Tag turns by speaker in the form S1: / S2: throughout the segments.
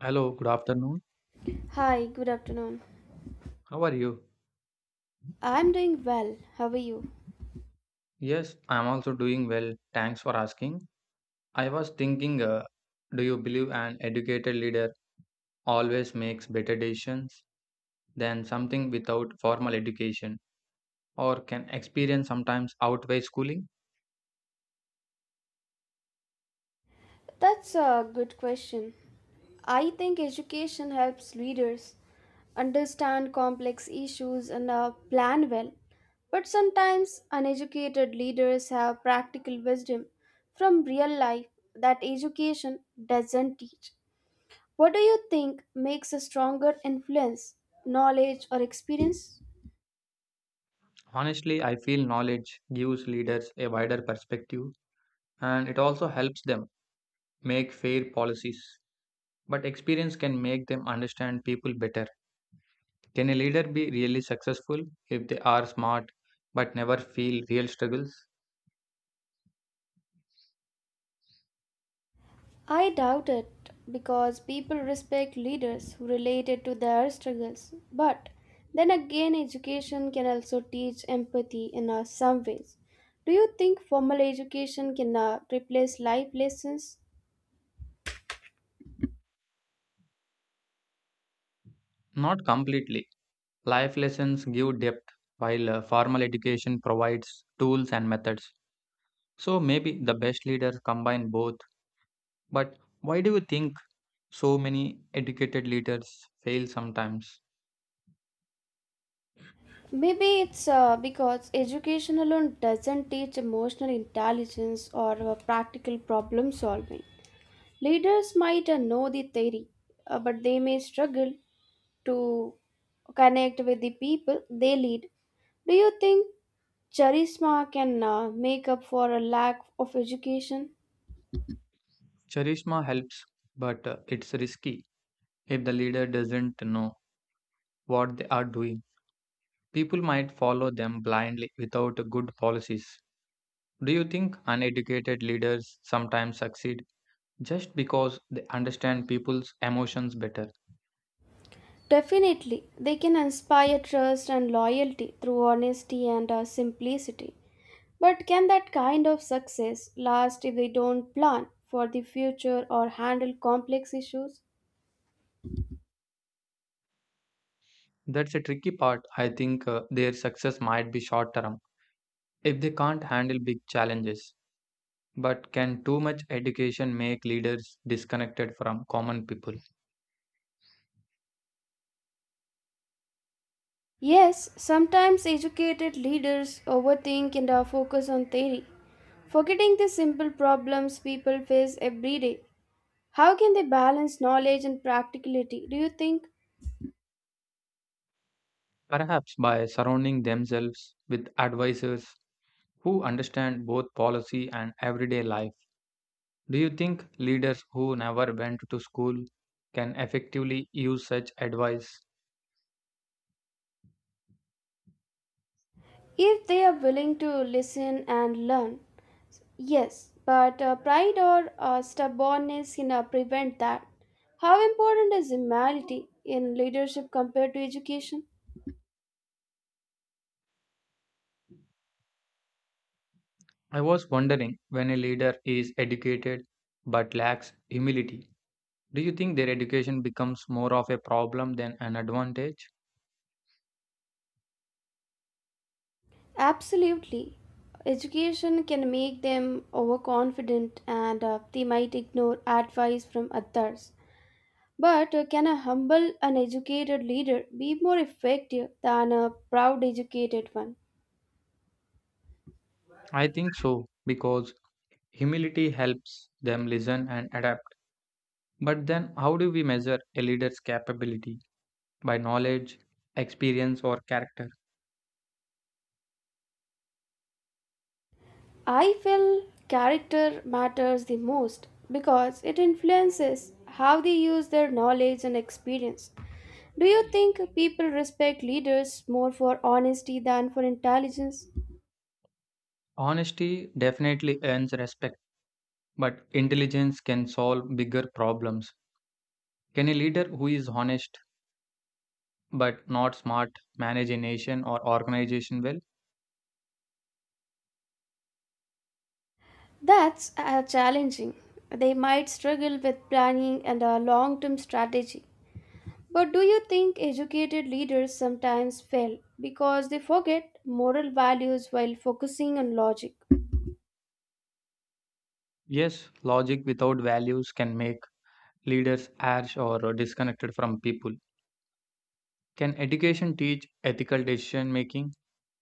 S1: Hello, good afternoon.
S2: Hi, good afternoon.
S1: How are you?
S2: I'm doing well. How are you?
S1: Yes, I'm also doing well. Thanks for asking. I was thinking, uh, do you believe an educated leader always makes better decisions than something without formal education, or can experience sometimes outweigh schooling?
S2: That's a good question. I think education helps leaders understand complex issues and plan well. But sometimes uneducated leaders have practical wisdom from real life that education doesn't teach. What do you think makes a stronger influence, knowledge, or experience?
S1: Honestly, I feel knowledge gives leaders a wider perspective and it also helps them make fair policies, but experience can make them understand people better. Can a leader be really successful if they are smart but never feel real struggles?
S2: I doubt it because people respect leaders who related to their struggles. But then again, education can also teach empathy in some ways. Do you think formal education can replace life lessons?
S1: Not completely. Life lessons give depth, while formal education provides tools and methods. So maybe the best leaders combine both. But why do you think so many educated leaders fail sometimes?
S2: Maybe it's because education alone doesn't teach emotional intelligence or practical problem solving. Leaders might know the theory, but they may struggle to connect with the people they lead. Do you think charisma can make up for a lack of education?
S1: Charisma helps, but it's risky if the leader doesn't know what they are doing. People might follow them blindly without good policies. Do you think uneducated leaders sometimes succeed just because they understand people's emotions better?
S2: Definitely, they can inspire trust and loyalty through honesty and simplicity. But can that kind of success last if they don't plan for the future or handle complex issues?
S1: That's a tricky part. I think their success might be short term if they can't handle big challenges. But can too much education make leaders disconnected from common people?
S2: Yes, sometimes educated leaders overthink and are focused on theory, forgetting the simple problems people face every day. How can they balance knowledge and practicality, do you think?
S1: Perhaps by surrounding themselves with advisors who understand both policy and everyday life. Do you think leaders who never went to school can effectively use such advice?
S2: If they are willing to listen and learn, yes, but pride or stubbornness can prevent that. How important is humility in leadership compared to education?
S1: I was wondering when a leader is educated but lacks humility, do you think their education becomes more of a problem than an advantage?
S2: Absolutely. Education can make them overconfident and they might ignore advice from others. But can a humble uneducated leader be more effective than a proud educated one?
S1: I think so, because humility helps them listen and adapt. But then, how do we measure a leader's capability? By knowledge, experience, or character?
S2: I feel character matters the most because it influences how they use their knowledge and experience. Do you think people respect leaders more for honesty than for intelligence?
S1: Honesty definitely earns respect, but intelligence can solve bigger problems. Can a leader who is honest but not smart manage a nation or organization well?
S2: That's challenging. They might struggle with planning and a long term strategy. But do you think educated leaders sometimes fail because they forget moral values while focusing on logic?
S1: Yes, logic without values can make leaders harsh or disconnected from people. Can education teach ethical decision making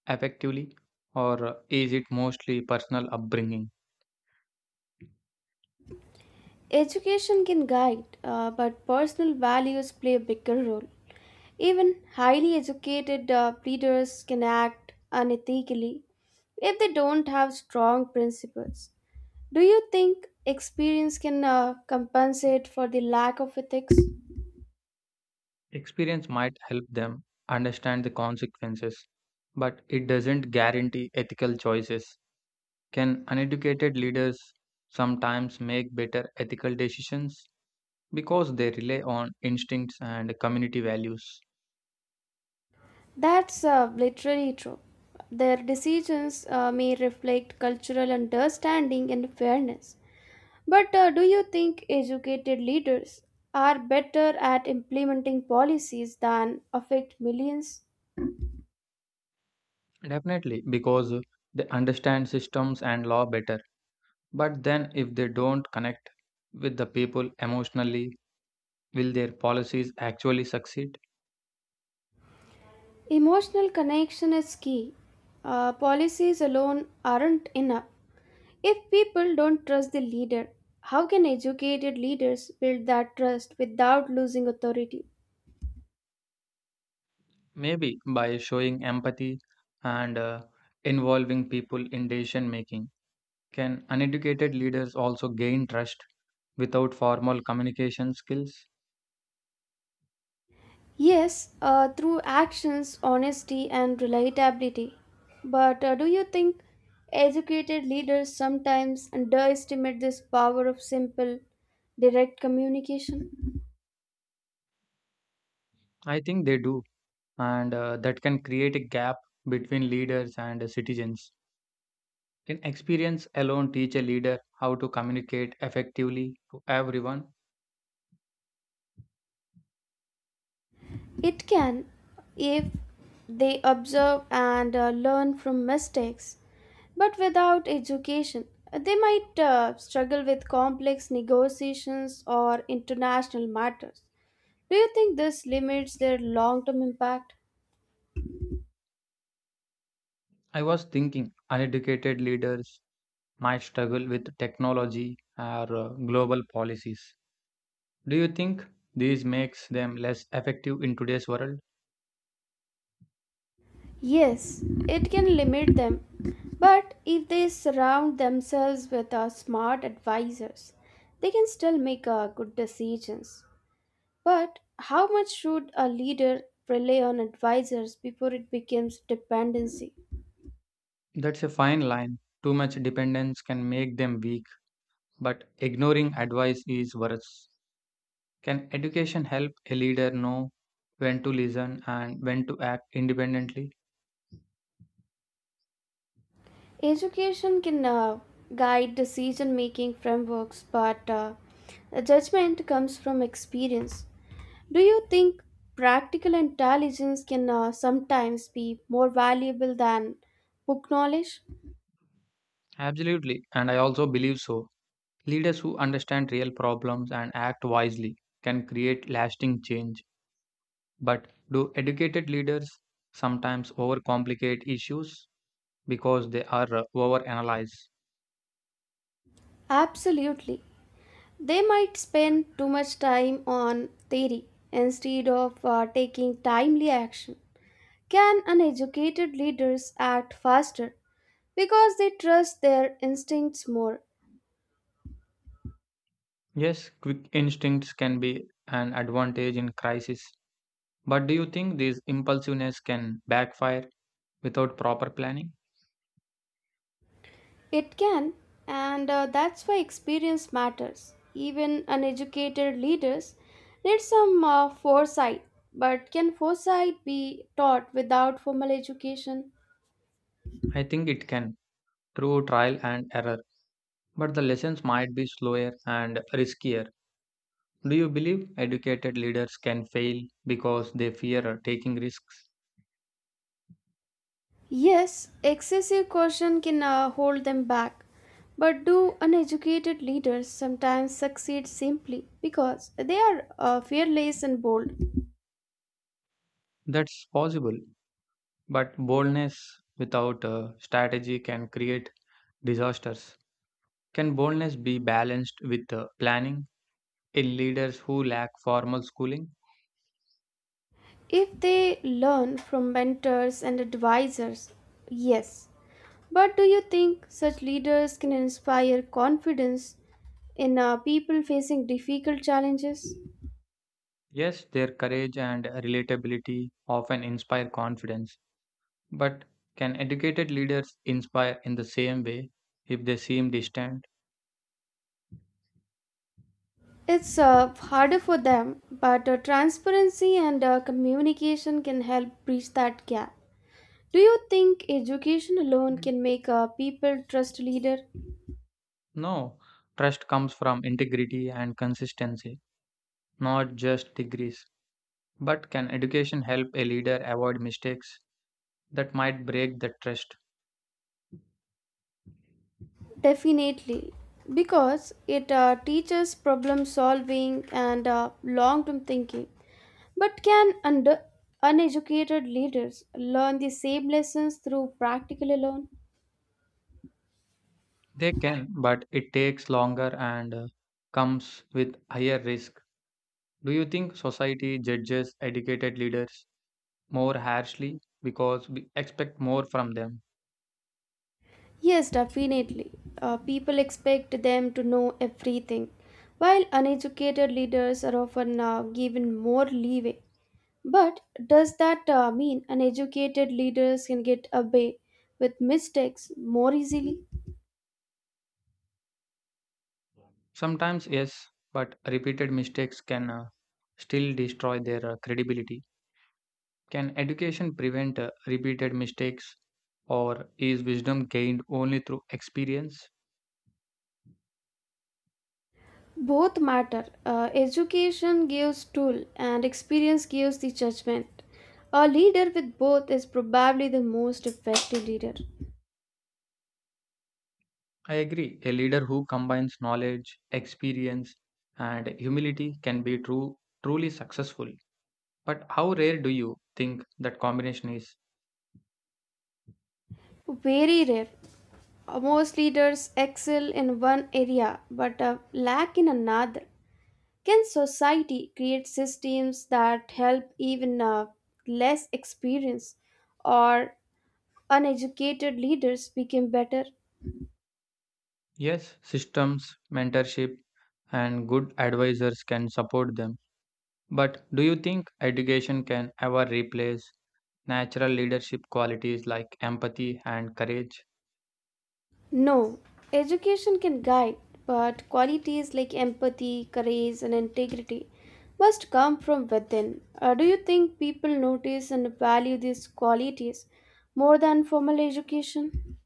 S1: effectively, or is it mostly personal upbringing?
S2: Education can guide, but personal values play a bigger role. Even highly educated leaders can act unethically if they don't have strong principles. Do you think experience can compensate for the lack of ethics?
S1: Experience might help them understand the consequences, but it doesn't guarantee ethical choices. Can uneducated leaders sometimes make better ethical decisions because they rely on instincts and community values?
S2: That's literally true. Their decisions may reflect cultural understanding and fairness. But do you think educated leaders are better at implementing policies than affect millions?
S1: Definitely, because they understand systems and law better. But then, if they don't connect with the people emotionally, will their policies actually succeed?
S2: Emotional connection is key. Policies alone aren't enough. If people don't trust the leader, how can educated leaders build that trust without losing authority?
S1: Maybe by showing empathy and involving people in decision making. Can uneducated leaders also gain trust without formal communication skills?
S2: Yes, through actions, honesty, and relatability. But do you think educated leaders sometimes underestimate this power of simple, direct communication?
S1: I think they do, and that can create a gap between leaders and citizens. Can experience alone teach a leader how to communicate effectively to everyone?
S2: It can, if they observe and learn from mistakes. But without education, they might struggle with complex negotiations or international matters. Do you think this limits their long term impact?
S1: I was thinking uneducated leaders might struggle with technology or global policies. Do you think this makes them less effective in today's world?
S2: Yes, it can limit them. But if they surround themselves with smart advisors, they can still make good decisions. But how much should a leader rely on advisors before it becomes dependency?
S1: That's a fine line. Too much dependence can make them weak, but ignoring advice is worse. Can education help a leader know when to listen and when to act independently?
S2: Education can guide decision making frameworks, but the judgment comes from experience. Do you think practical intelligence can sometimes be more valuable than book knowledge?
S1: Absolutely, and I also believe so. Leaders who understand real problems and act wisely can create lasting change. But do educated leaders sometimes overcomplicate issues because they are overanalyzed?
S2: Absolutely. They might spend too much time on theory instead of taking timely action. Can uneducated leaders act faster because they trust their instincts more?
S1: Yes, quick instincts can be an advantage in crisis. But do you think this impulsiveness can backfire without proper planning?
S2: It can, and that's why experience matters. Even uneducated leaders need some foresight, but can foresight be taught without formal education?
S1: I think it can, through trial and error. But the lessons might be slower and riskier. Do you believe educated leaders can fail because they fear taking risks?
S2: Yes, excessive caution can hold them back. But do uneducated leaders sometimes succeed simply because they are fearless and bold?
S1: That's possible, but boldness without a strategy can create disasters. Can boldness be balanced with planning in leaders who lack formal schooling?
S2: If they learn from mentors and advisors, yes. But do you think such leaders can inspire confidence in people facing difficult challenges?
S1: Yes, their courage and relatability often inspire confidence, but can educated leaders inspire in the same way if they seem distant?
S2: It's harder for them, but transparency and communication can help bridge that gap. Do you think education alone
S1: Mm.
S2: can make people trust leader?
S1: No, trust comes from integrity and consistency. Not just degrees, but can education help a leader avoid mistakes that might break the trust?
S2: Definitely, because it teaches problem solving and long term thinking. But can under uneducated leaders learn the same lessons through practical alone?
S1: They can, but it takes longer and comes with higher risk. Do you think society judges educated leaders more harshly because we expect more from them?
S2: Yes, definitely. People expect them to know everything, while uneducated leaders are often given more leeway. But does that mean uneducated leaders can get away with mistakes more easily?
S1: Sometimes, yes, but repeated mistakes can still destroy their credibility. Can education prevent repeated mistakes, or is wisdom gained only through experience?
S2: Both matter. Education gives tool and experience gives the judgment. A leader with both is probably the most effective leader.
S1: I agree. A leader who combines knowledge, experience, and humility can be truly successful. But how rare do you think that combination is?
S2: Very rare. Most leaders excel in one area but lack in another. Can society create systems that help even less experienced or uneducated leaders become better?
S1: Yes, systems, mentorship, and good advisors can support them. But do you think education can ever replace natural leadership qualities like empathy and courage?
S2: No, education can guide, but qualities like empathy, courage, and integrity must come from within. Do you think people notice and value these qualities more than formal education?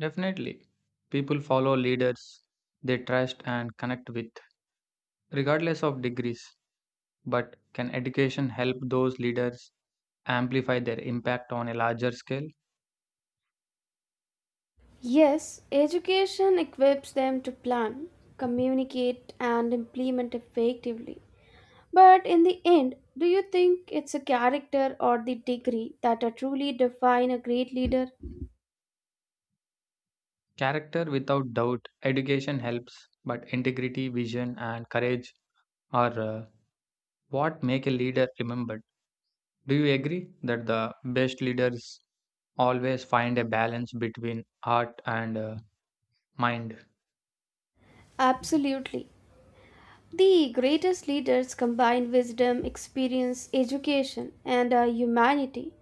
S1: Definitely. People follow leaders they trust and connect with, regardless of degrees. But can education help those leaders amplify their impact on a larger scale?
S2: Yes, education equips them to plan, communicate, and implement effectively. But in the end, do you think it's a character or the degree that are truly define a great leader?
S1: Character, without doubt, education helps, but integrity, vision, and courage are what make a leader remembered. Do you agree that the best leaders always find a balance between heart and mind?
S2: Absolutely. The greatest leaders combine wisdom, experience, education, and humanity.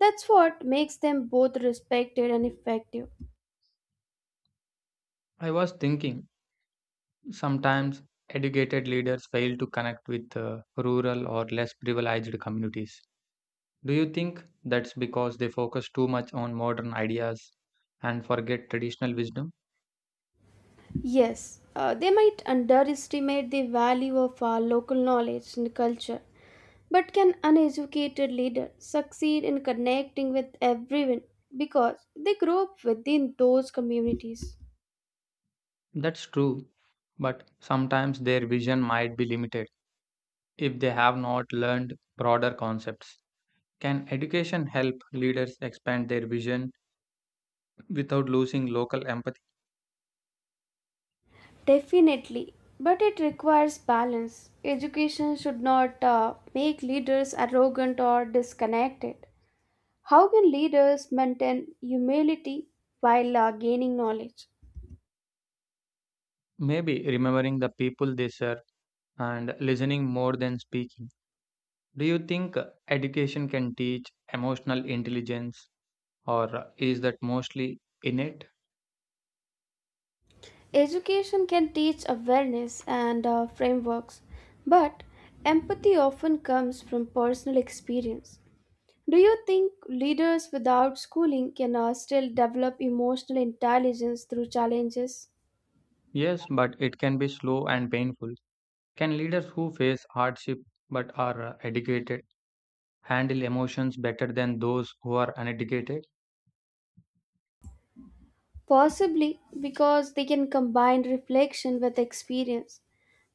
S2: That's what makes them both respected and effective.
S1: I was thinking sometimes educated leaders fail to connect with rural or less privileged communities. Do you think that's because they focus too much on modern ideas and forget traditional wisdom?
S2: Yes, they might underestimate the value of our local knowledge and culture, but can uneducated leader succeed in connecting with everyone because they grew up within those communities?
S1: That's true, but sometimes their vision might be limited if they have not learned broader concepts. Can education help leaders expand their vision without losing local empathy?
S2: Definitely, but it requires balance. Education should not make leaders arrogant or disconnected. How can leaders maintain humility while gaining knowledge?
S1: Maybe remembering the people they serve and listening more than speaking. Do you think education can teach emotional intelligence or is that mostly innate?
S2: Education can teach awareness and frameworks, but empathy often comes from personal experience. Do you think leaders without schooling can still develop emotional intelligence through challenges?
S1: Yes, but it can be slow and painful. Can leaders who face hardship but are educated handle emotions better than those who are uneducated?
S2: Possibly because they can combine reflection with experience.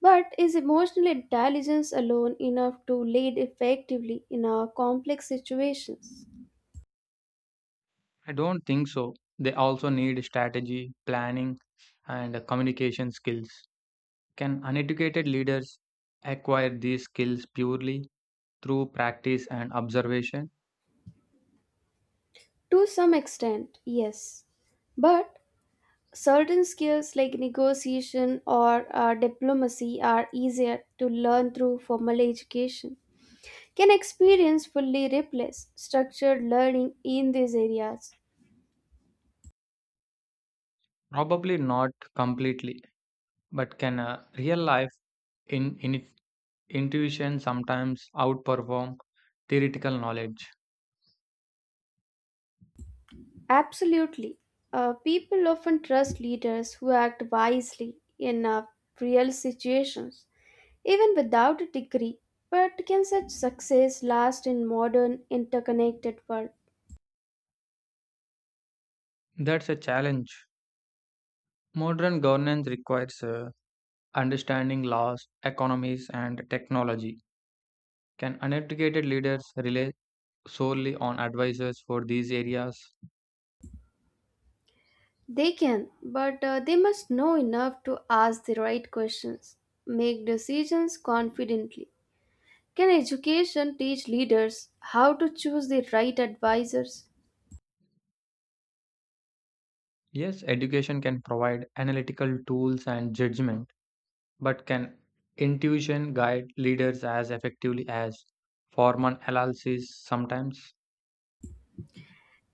S2: But is emotional intelligence alone enough to lead effectively in our complex situations?
S1: I don't think so. They also need strategy, planning, and communication skills. Can uneducated leaders acquire these skills purely through practice and observation?
S2: To some extent, yes. But certain skills like negotiation or diplomacy are easier to learn through formal education. Can experience fully replace structured learning in these areas?
S1: Probably not completely, but can real life in Intuition sometimes outperform theoretical knowledge.
S2: Absolutely. People often trust leaders who act wisely in real situations, even without a degree. But can such success last in modern interconnected world?
S1: That's a challenge. Modern governance requires understanding laws, economies, and technology. Can uneducated leaders rely solely on advisors for these areas?
S2: They can, but they must know enough to ask the right questions, make decisions confidently. Can education teach leaders how to choose the right advisors?
S1: Yes, education can provide analytical tools and judgment, but can intuition guide leaders as effectively as formal analysis sometimes?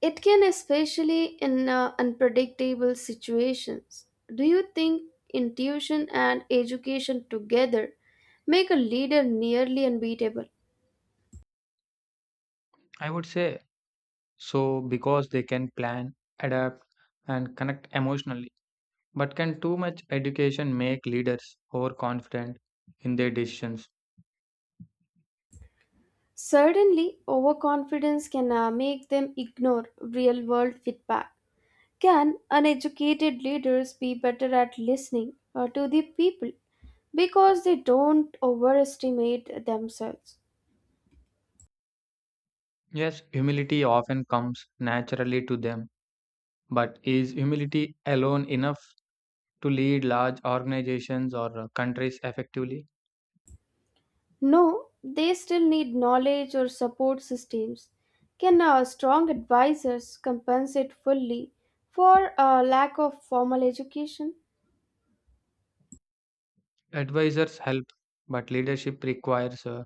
S2: It can, especially in unpredictable situations. Do you think intuition and education together make a leader nearly unbeatable?
S1: I would say so, because they can plan, adapt, and connect emotionally. But can too much education make leaders overconfident in their decisions?
S2: Certainly, overconfidence can make them ignore real world feedback. Can uneducated leaders be better at listening to the people because they don't overestimate themselves?
S1: Yes, humility often comes naturally to them, but is humility alone enough to lead large organizations or countries effectively?
S2: No, they still need knowledge or support systems. Can strong advisors compensate fully for a lack of formal education?
S1: Advisors help, but leadership requires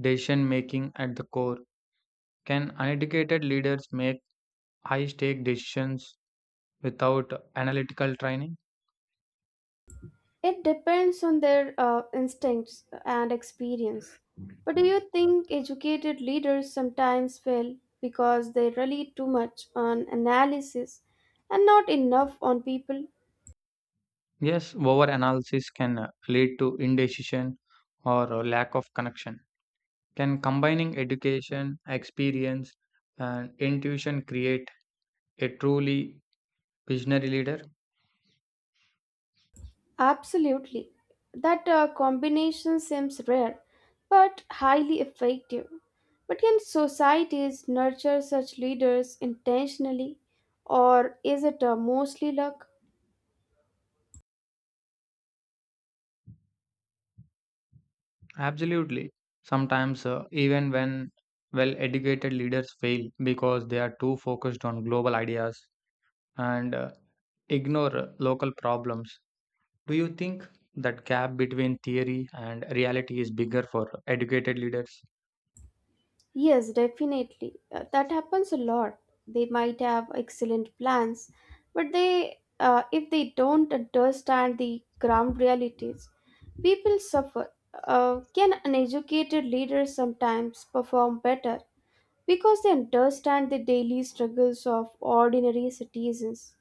S1: decision making at the core. Can uneducated leaders make high stake decisions without analytical training?
S2: It depends on their instincts and experience. But do you think educated leaders sometimes fail because they rely too much on analysis and not enough on people?
S1: Yes, overanalysis can lead to indecision or lack of connection. Can combining education, experience, and intuition create a truly visionary leader?
S2: Absolutely. That combination seems rare, but highly effective. But can societies nurture such leaders intentionally, or is it mostly luck?
S1: Absolutely. Sometimes, even when well educated leaders fail because they are too focused on global ideas and ignore local problems. Do you think that gap between theory and reality is bigger for educated leaders?
S2: Yes, definitely. That happens a lot. They might have excellent plans, but if they don't understand the ground realities, people suffer. Can an educated leader sometimes perform better? Because they understand the daily struggles of ordinary citizens.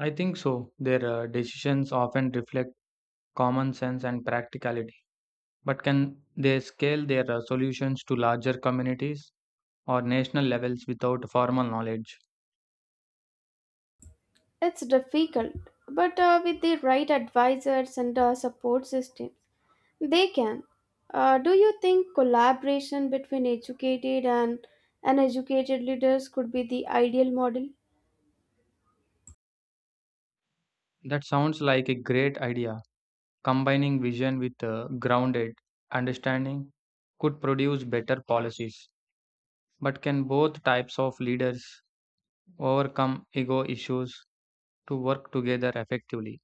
S1: I think so. Their decisions often reflect common sense and practicality. But can they scale their solutions to larger communities or national levels without formal knowledge?
S2: It's difficult, but with the right advisors and support system, they can. Do you think collaboration between educated and uneducated leaders could be the ideal model?
S1: That sounds like a great idea. Combining vision with grounded understanding could produce better policies. But can both types of leaders overcome ego issues to work together effectively?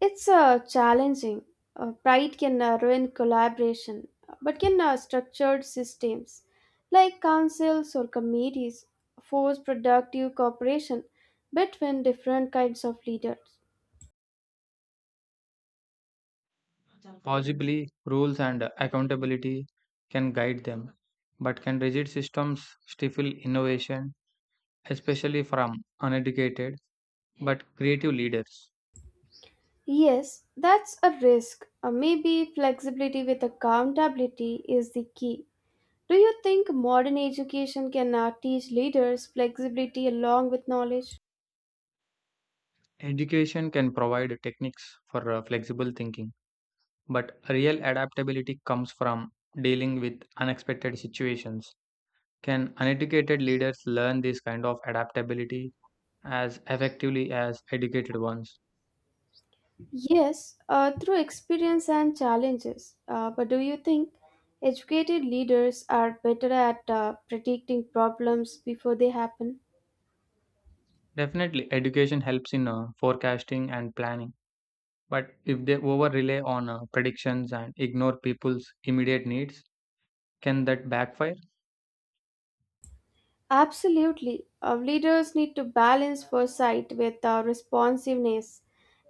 S2: It's challenging. Pride can ruin collaboration, but can structured systems like councils or committees force productive cooperation between different kinds of leaders.
S1: Possibly rules and accountability can guide them, but can rigid systems stifle innovation, especially from uneducated but creative leaders?
S2: Yes, that's a risk. Maybe flexibility with accountability is the key. Do you think modern education can teach leaders flexibility along with knowledge?
S1: Education can provide techniques for flexible thinking, but real adaptability comes from dealing with unexpected situations. Can uneducated leaders learn this kind of adaptability as effectively as educated ones?
S2: Yes, through experience and challenges. But do you think educated leaders are better at predicting problems before they happen?
S1: Definitely, education helps in forecasting and planning. But if they over rely on predictions and ignore people's immediate needs, can that backfire?
S2: Absolutely. Leaders need to balance foresight with responsiveness.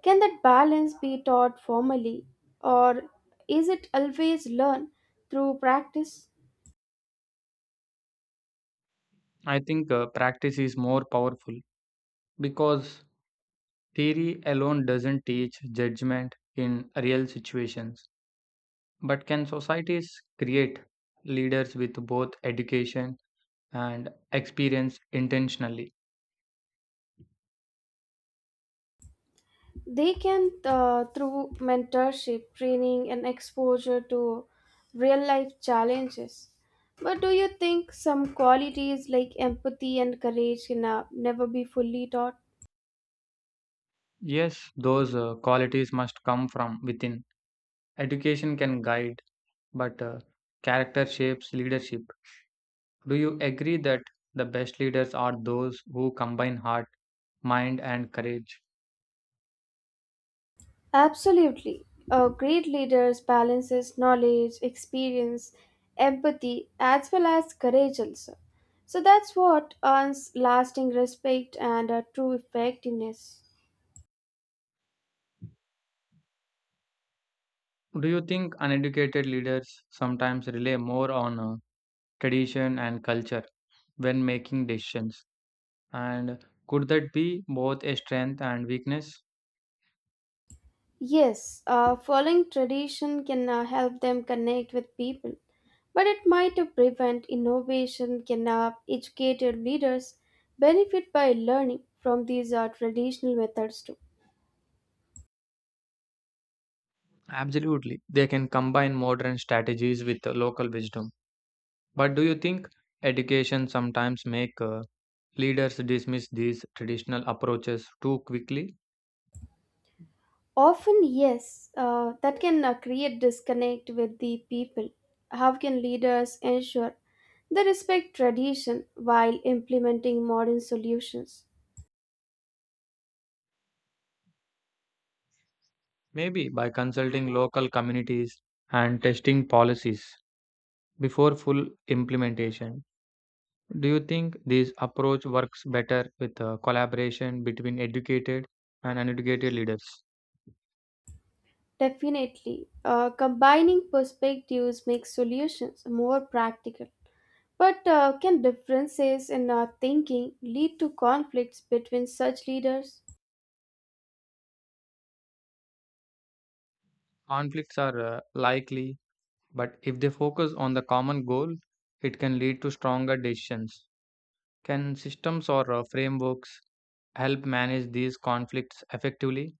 S2: Can that balance be taught formally, or is it always learned through practice?
S1: I think practice is more powerful because theory alone doesn't teach judgment in real situations. But can societies create leaders with both education and experience intentionally?
S2: They can, through mentorship, training, and exposure to real life challenges. But do you think some qualities like empathy and courage can never be fully taught?
S1: Yes, those qualities must come from within. Education can guide, but character shapes leadership. Do you agree that the best leaders are those who combine heart, mind, and courage?
S2: Absolutely. A great leader balances knowledge, experience, empathy, as well as courage also. So that's what earns lasting respect and true effectiveness.
S1: Do you think uneducated leaders sometimes rely more on tradition and culture when making decisions? And could that be both a strength and weakness?
S2: Yes, following tradition can help them connect with people, but it might prevent innovation. Can educated leaders benefit by learning from these traditional methods too?
S1: Absolutely. They can combine modern strategies with local wisdom. But do you think education sometimes make leaders dismiss these traditional approaches too quickly?
S2: Often, yes, that can create disconnect with the people. How can leaders ensure they respect tradition while implementing modern solutions?
S1: Maybe by consulting local communities and testing policies before full implementation. Do you think this approach works better with collaboration between educated and uneducated leaders?
S2: Definitely, combining perspectives makes solutions more practical. But can differences in our thinking lead to conflicts between such leaders?
S1: Conflicts are likely, but if they focus on the common goal, it can lead to stronger decisions. Can systems or frameworks help manage these conflicts effectively?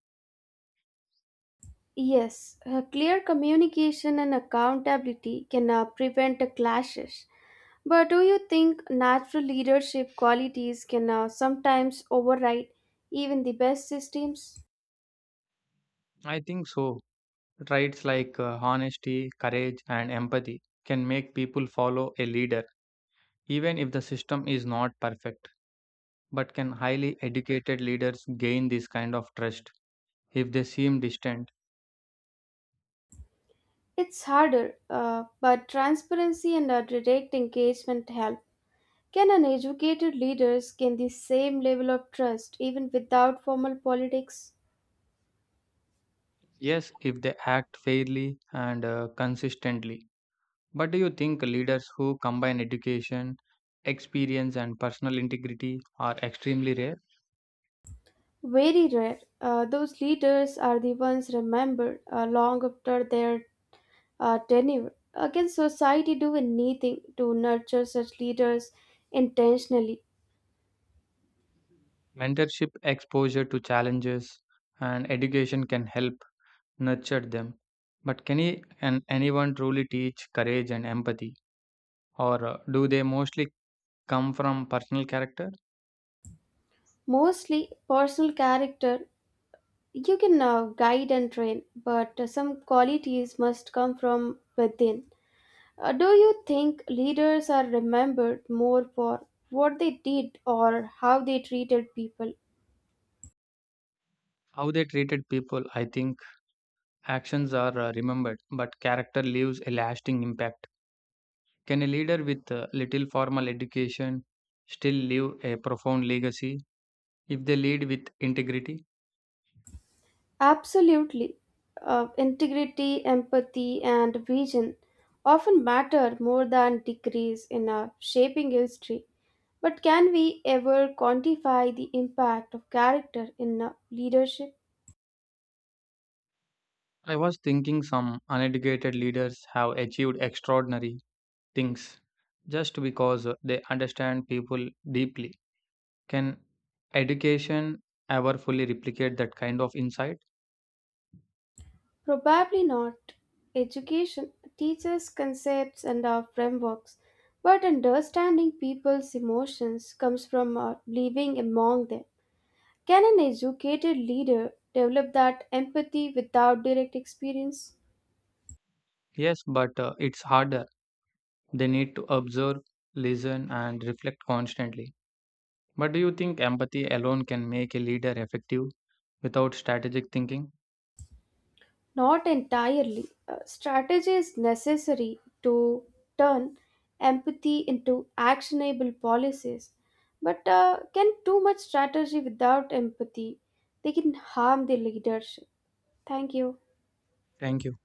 S2: Yes, clear communication and accountability can prevent a clashes. But do you think natural leadership qualities can sometimes override even the best systems?
S1: I think so. Traits like honesty, courage, and empathy can make people follow a leader, even if the system is not perfect. But can highly educated leaders gain this kind of trust if they seem distant?
S2: It's harder, but transparency and direct engagement help. Can an educated leader gain the same level of trust even without formal politics?
S1: Yes, if they act fairly and consistently. But do you think leaders who combine education, experience, and personal integrity are extremely rare?
S2: Very rare. Those leaders are the ones remembered long after their tenure. Can society do anything to nurture such leaders intentionally?
S1: Mentorship exposure to challenges and education can help nurtured them. But can anyone truly teach courage and empathy? Or do they mostly come from personal character?
S2: Mostly personal character you can guide and train, but some qualities must come from within. Do you think leaders are remembered more for what they did or how they treated people?
S1: How they treated people, I think actions are remembered, but character leaves a lasting impact. Can a leader with little formal education still leave a profound legacy if they lead with integrity?
S2: Absolutely. Integrity, empathy, and vision often matter more than degrees in a shaping history. But can we ever quantify the impact of character in leadership?
S1: I was thinking some uneducated leaders have achieved extraordinary things just because they understand people deeply. Can education ever fully replicate that kind of insight?
S2: Probably not. Education teaches concepts and frameworks, but understanding people's emotions comes from living among them. Can an educated leader develop that empathy without direct experience?
S1: Yes, but it's harder. They need to observe, listen, and reflect constantly. But do you think empathy alone can make a leader effective without strategic thinking?
S2: Not entirely. Strategy is necessary to turn empathy into actionable policies. But can too much strategy without empathy? They can harm the leadership. Thank you.
S1: Thank you.